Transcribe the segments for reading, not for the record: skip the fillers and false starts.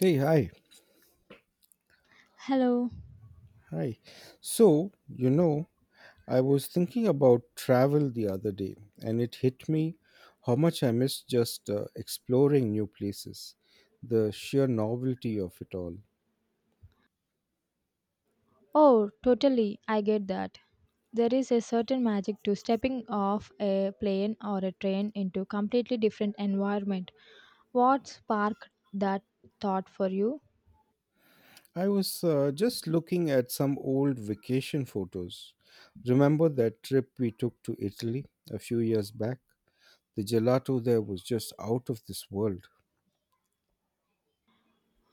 Hey, hi, Hello. hi. So, I was thinking about travel the other day, and it hit me how much I miss just exploring new places, the sheer novelty of it all. Oh, totally. I get that. There is a certain magic to stepping off a plane or a train into completely different environment. What sparked that thought for you? I was just looking at some old vacation photos. Remember that trip we took to Italy a few years back? The gelato there was just out of this world.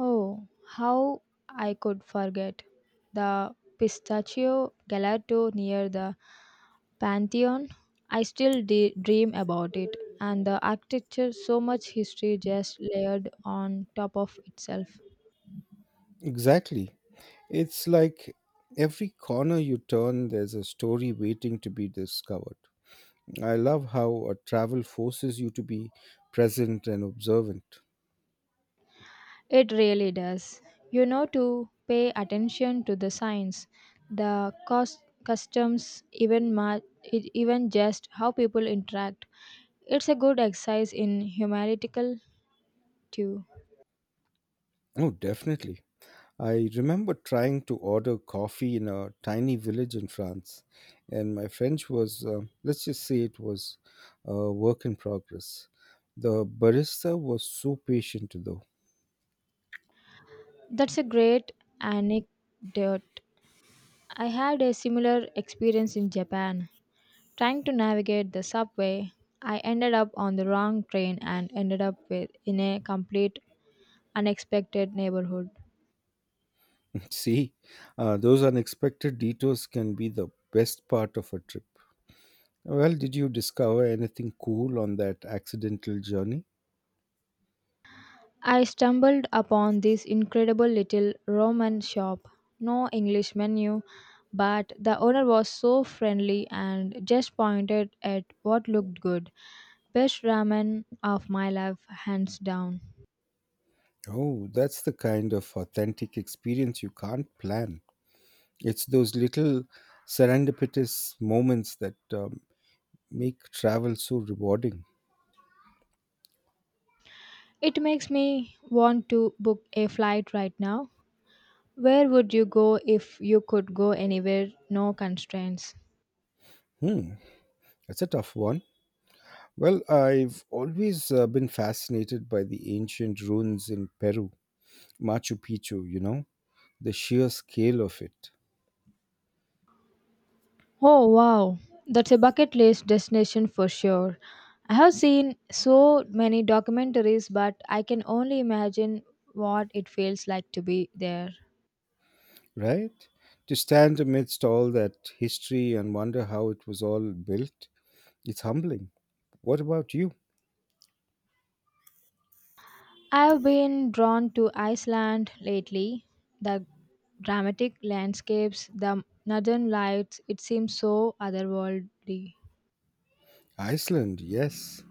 Oh, how I could forget. The pistachio gelato near the Pantheon. I still dream about it. And the architecture, so much history just layered on top of itself. Exactly. It's like every corner you turn, there's a story waiting to be discovered. I love how a travel forces you to be present and observant. It really does. You know, to pay attention to the signs, the cost, customs, even just how people interact. It's a good exercise in humanitical too. Oh, definitely. I remember trying to order coffee in a tiny village in France, and my French was, let's just say it was a work in progress. The barista was so patient, though. That's a great anecdote. I had a similar experience in Japan. Trying to navigate the subway, I ended up on the wrong train and ended up with, in a complete unexpected neighborhood. See, those unexpected detours can be the best part of a trip. Well, did you discover anything cool on that accidental journey? I stumbled upon this incredible little Roman shop. No English menu, but the owner was so friendly and just pointed at what looked good. Best ramen of my life, hands down. Oh, that's the kind of authentic experience you can't plan. It's those little serendipitous moments that make travel so rewarding. It makes me want to book a flight right now. Where would you go if you could go anywhere? No constraints. Hmm, that's a tough one. Well, I've always been fascinated by the ancient ruins in Peru, Machu Picchu, the sheer scale of it, Oh wow, that's a bucket list destination for sure. I have seen so many documentaries, but I can only imagine what it feels like to be there. right? To stand amidst all that history and wonder how it was all built. It's humbling. What about you? I have been drawn to Iceland lately. The dramatic landscapes, the northern lights, it seems so otherworldly. Iceland, yes.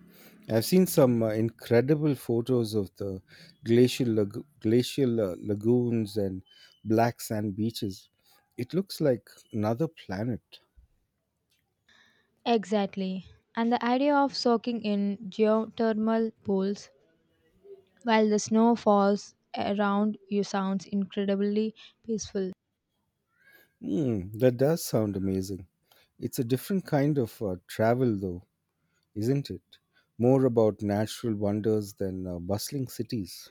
I've seen some incredible photos of the glacial lagoons and black sand beaches. It looks like another planet. Exactly. And the idea of soaking in geothermal pools while the snow falls around you sounds incredibly peaceful. Hmm, that does sound amazing. It's a different kind of travel, though, isn't it? More about natural wonders than bustling cities.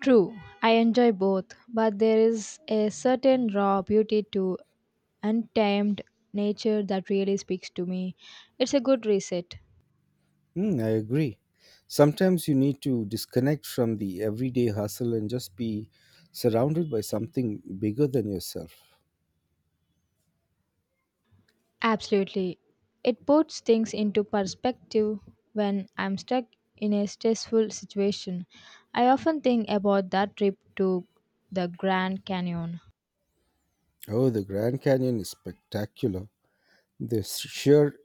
True, I enjoy both, but there is a certain raw beauty to untamed nature that really speaks to me. It's a good reset. Mm, I agree. Sometimes you need to disconnect from the everyday hustle and just be surrounded by something bigger than yourself. Absolutely. It puts things into perspective when I'm stuck in a stressful situation. I often think about that trip to the Grand Canyon. Oh, the Grand Canyon is spectacular. The sheer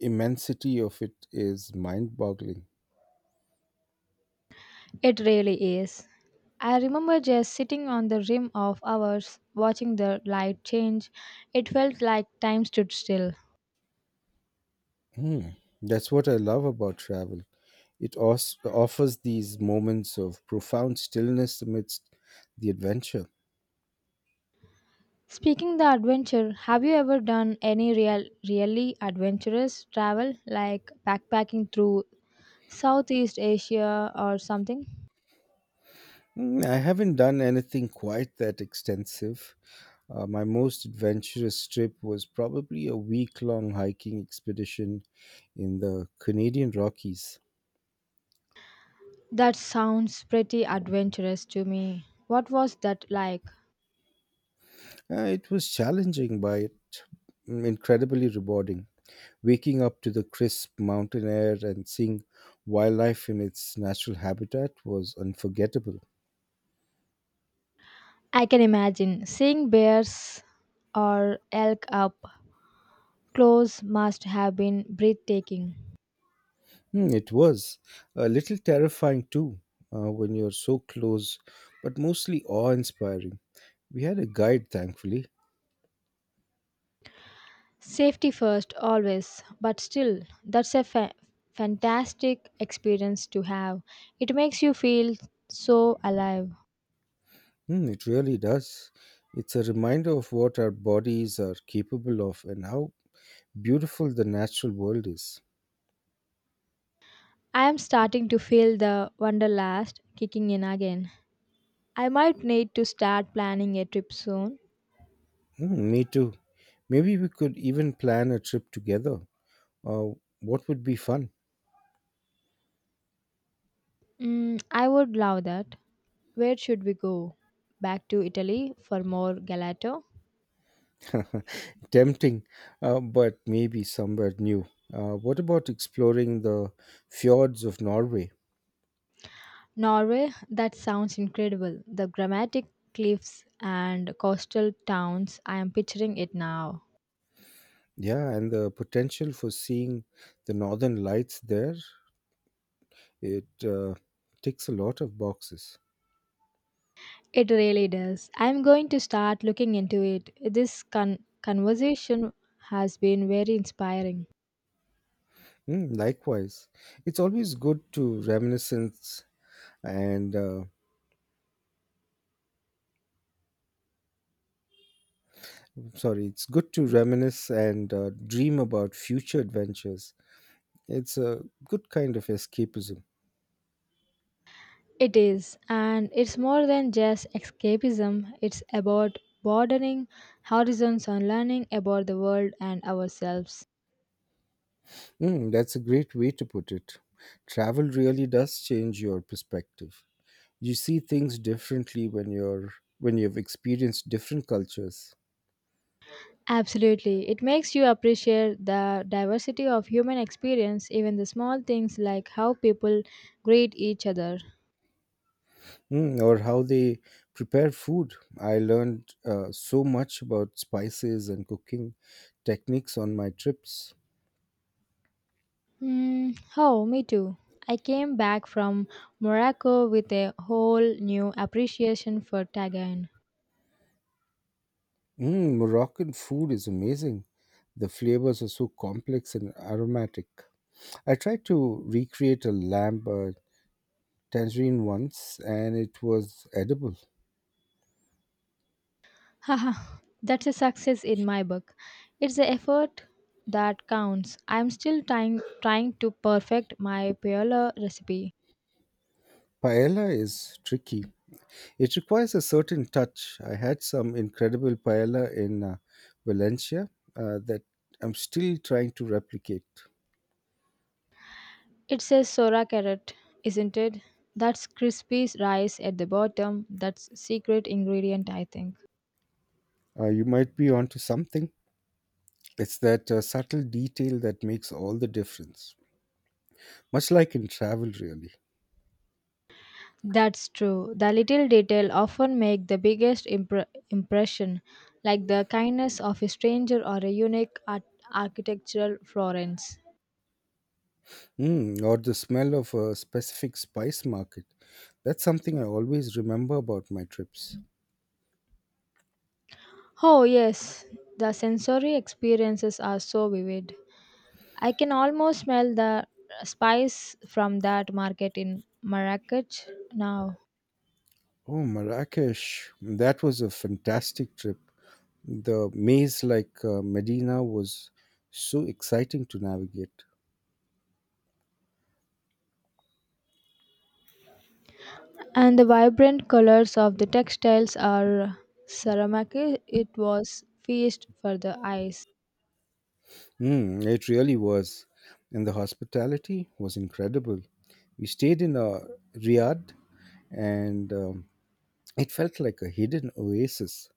immensity of it is mind boggling. It really is. I remember just sitting on the rim of hours watching the light change. It felt like time stood still. Hmm, that's what I love about travel. Offers these moments of profound stillness amidst the adventure. Speaking the adventure, have you ever done any really adventurous travel like backpacking through Southeast Asia or something? Mm, I haven't done anything quite that extensive. My most adventurous trip was probably a week long hiking expedition in the Canadian Rockies. That sounds pretty adventurous to me. What was that like? It was challenging, but incredibly rewarding. Waking up to the crisp mountain air and seeing wildlife in its natural habitat was unforgettable. I can imagine seeing bears or elk up close must have been breathtaking. Hmm, it was a little terrifying too when you're so close, but mostly awe inspiring. We had a guide, thankfully. Safety first, always, but still, that's a fantastic experience to have. It makes you feel so alive. Hmm, it really does. It's a reminder of what our bodies are capable of and how beautiful the natural world is. I am starting to feel the wanderlust kicking in again. I might need to start planning a trip soon. Hmm, me too. Maybe we could even plan a trip together. Uh, what would be fun? I would love that. Where should we go? Back to Italy for more gelato? Tempting, but maybe somewhere new. What about exploring the fjords of Norway? Norway? That sounds incredible. The dramatic cliffs and coastal towns. I am picturing it now. Yeah, and the potential for seeing the northern lights there, it ticks a lot of boxes. It really does. I'm going to start looking into it. This conversation has been very inspiring. Mm, likewise, it's always good to reminiscence and, sorry, it's good to reminisce and dream about future adventures. It's a good kind of escapism. It is, and it's more than just escapism, it's about broadening horizons on learning about the world and ourselves. Mm, that's a great way to put it. Travel really does change your perspective. You see things differently when you've experienced different cultures. Absolutely. It makes you appreciate the diversity of human experience, even the small things like how people greet each other. Mm, or how they prepare food. I learned so much about spices and cooking techniques on my trips. Mm, oh, me too. I came back from Morocco with a whole new appreciation for Tagayan. Mm, Moroccan food is amazing. The flavors are so complex and aromatic. I tried to recreate a lamb tangerine once and it was edible. Haha, that's a success in my book. It's the effort that counts. I'm still trying to perfect my paella recipe. Paella is tricky. It requires a certain touch. I had some incredible paella in Valencia that I'm still trying to replicate. It's a sora carrot, isn't it? That's crispy rice at the bottom. That's secret ingredient, I think. You might be onto something. It's that subtle detail that makes all the difference. Much like in travel, really. That's true. The little detail often make the biggest impression, like the kindness of a stranger or a unique architectural Florence. Mm, or the smell of a specific spice market. That's something I always remember about my trips. Oh, yes, the sensory experiences are so vivid. I can almost smell the spice from that market in Marrakech now. Oh, Marrakesh. That was a fantastic trip. The maze like Medina was so exciting to navigate. And the vibrant colors of the textiles are ceramic. It was feast for the eyes. Mm, it really was. And the hospitality was incredible. We stayed in a Riyadh and it felt like a hidden oasis.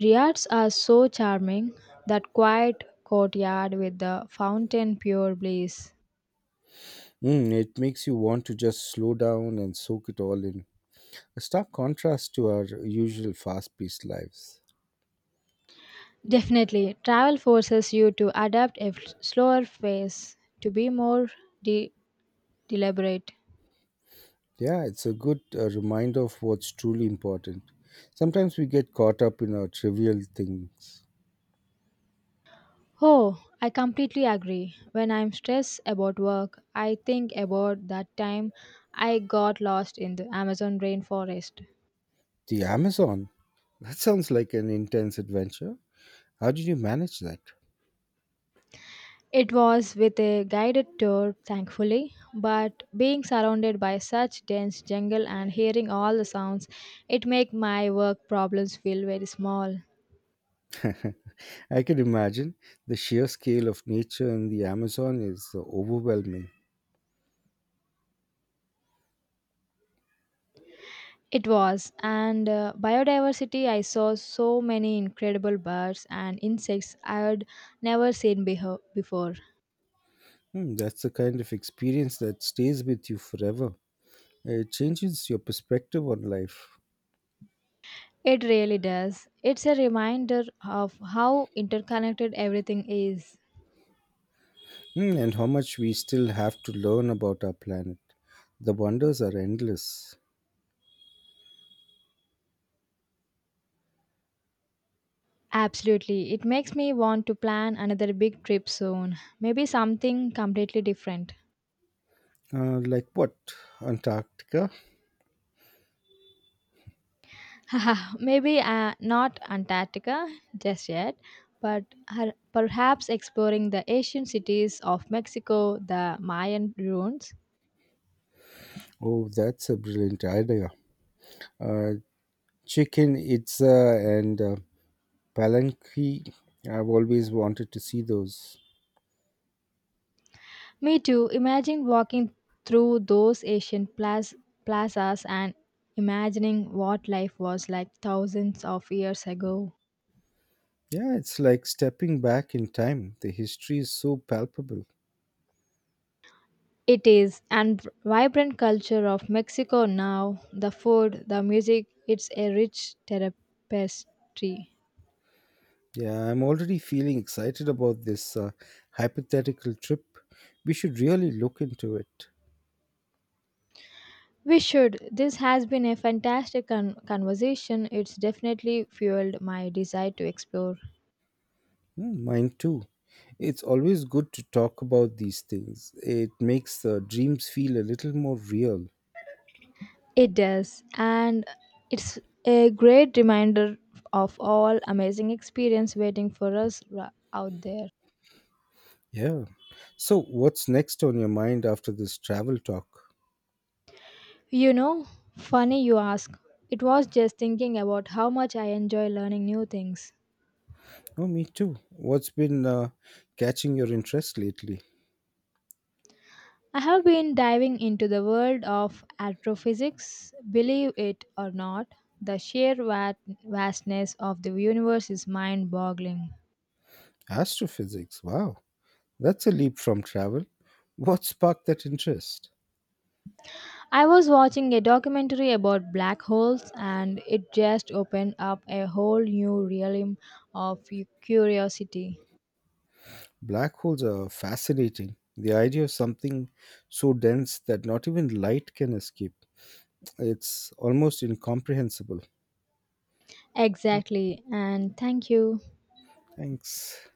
Riads are so charming. That quiet courtyard with the fountain, pure bliss. Mm, it makes you want to just slow down and soak it all in. A stark contrast to our usual fast paced lives. Definitely, travel forces you to adapt a slower pace, to be more de- deliberate. Yeah, it's a good reminder of what's truly important. Sometimes we get caught up in our trivial things. Oh, I completely agree. When I'm stressed about work, I think about that time I got lost in the Amazon rainforest. The Amazon? That sounds like an intense adventure. How did you manage that? It was with a guided tour, thankfully, but being surrounded by such dense jungle and hearing all the sounds, it made my work problems feel very small. I can imagine the sheer scale of nature in the Amazon is overwhelming. It was, and biodiversity, I saw so many incredible birds and insects I had never seen before. Hmm, that's the kind of experience that stays with you forever. It changes your perspective on life. It really does. It's a reminder of how interconnected everything is. Hmm, and how much we still have to learn about our planet. The wonders are endless. Absolutely. It makes me want to plan another big trip soon. Maybe something completely different. Like what? Antarctica? Maybe not Antarctica just yet, but perhaps exploring the ancient cities of Mexico, the Mayan ruins. Oh, that's a brilliant idea. Uh, Chichen Itza and Palenque. I've always wanted to see those. Me too. Imagine walking through those ancient plazas and imagining what life was like thousands of years ago. Yeah, it's like stepping back in time. The history is so palpable. It is and vibrant culture of Mexico now. The food, the music, it's a rich tapestry. Yeah, I'm already feeling excited about this hypothetical trip. We should really look into it. We should. This has been a fantastic conversation. It's definitely fueled my desire to explore. Hmm, mine too. It's always good to talk about these things. It makes the dreams feel a little more real. It does, and it's a great reminder of all amazing experience waiting for us out there. Yeah. So, what's next on your mind after this travel talk? You know, funny you ask. It was just thinking about how much I enjoy learning new things. Oh, me too. What's been catching your interest lately? I have been diving into the world of astrophysics. Believe it or not, the sheer vastness of the universe is mind boggling. Astrophysics. Wow. That's a leap from travel. What sparked that interest? I was watching a documentary about black holes, and it just opened up a whole new realm of curiosity. Black holes are fascinating. The idea of something so dense that not even light can escape. It's almost incomprehensible. Exactly, and thank you. Thanks.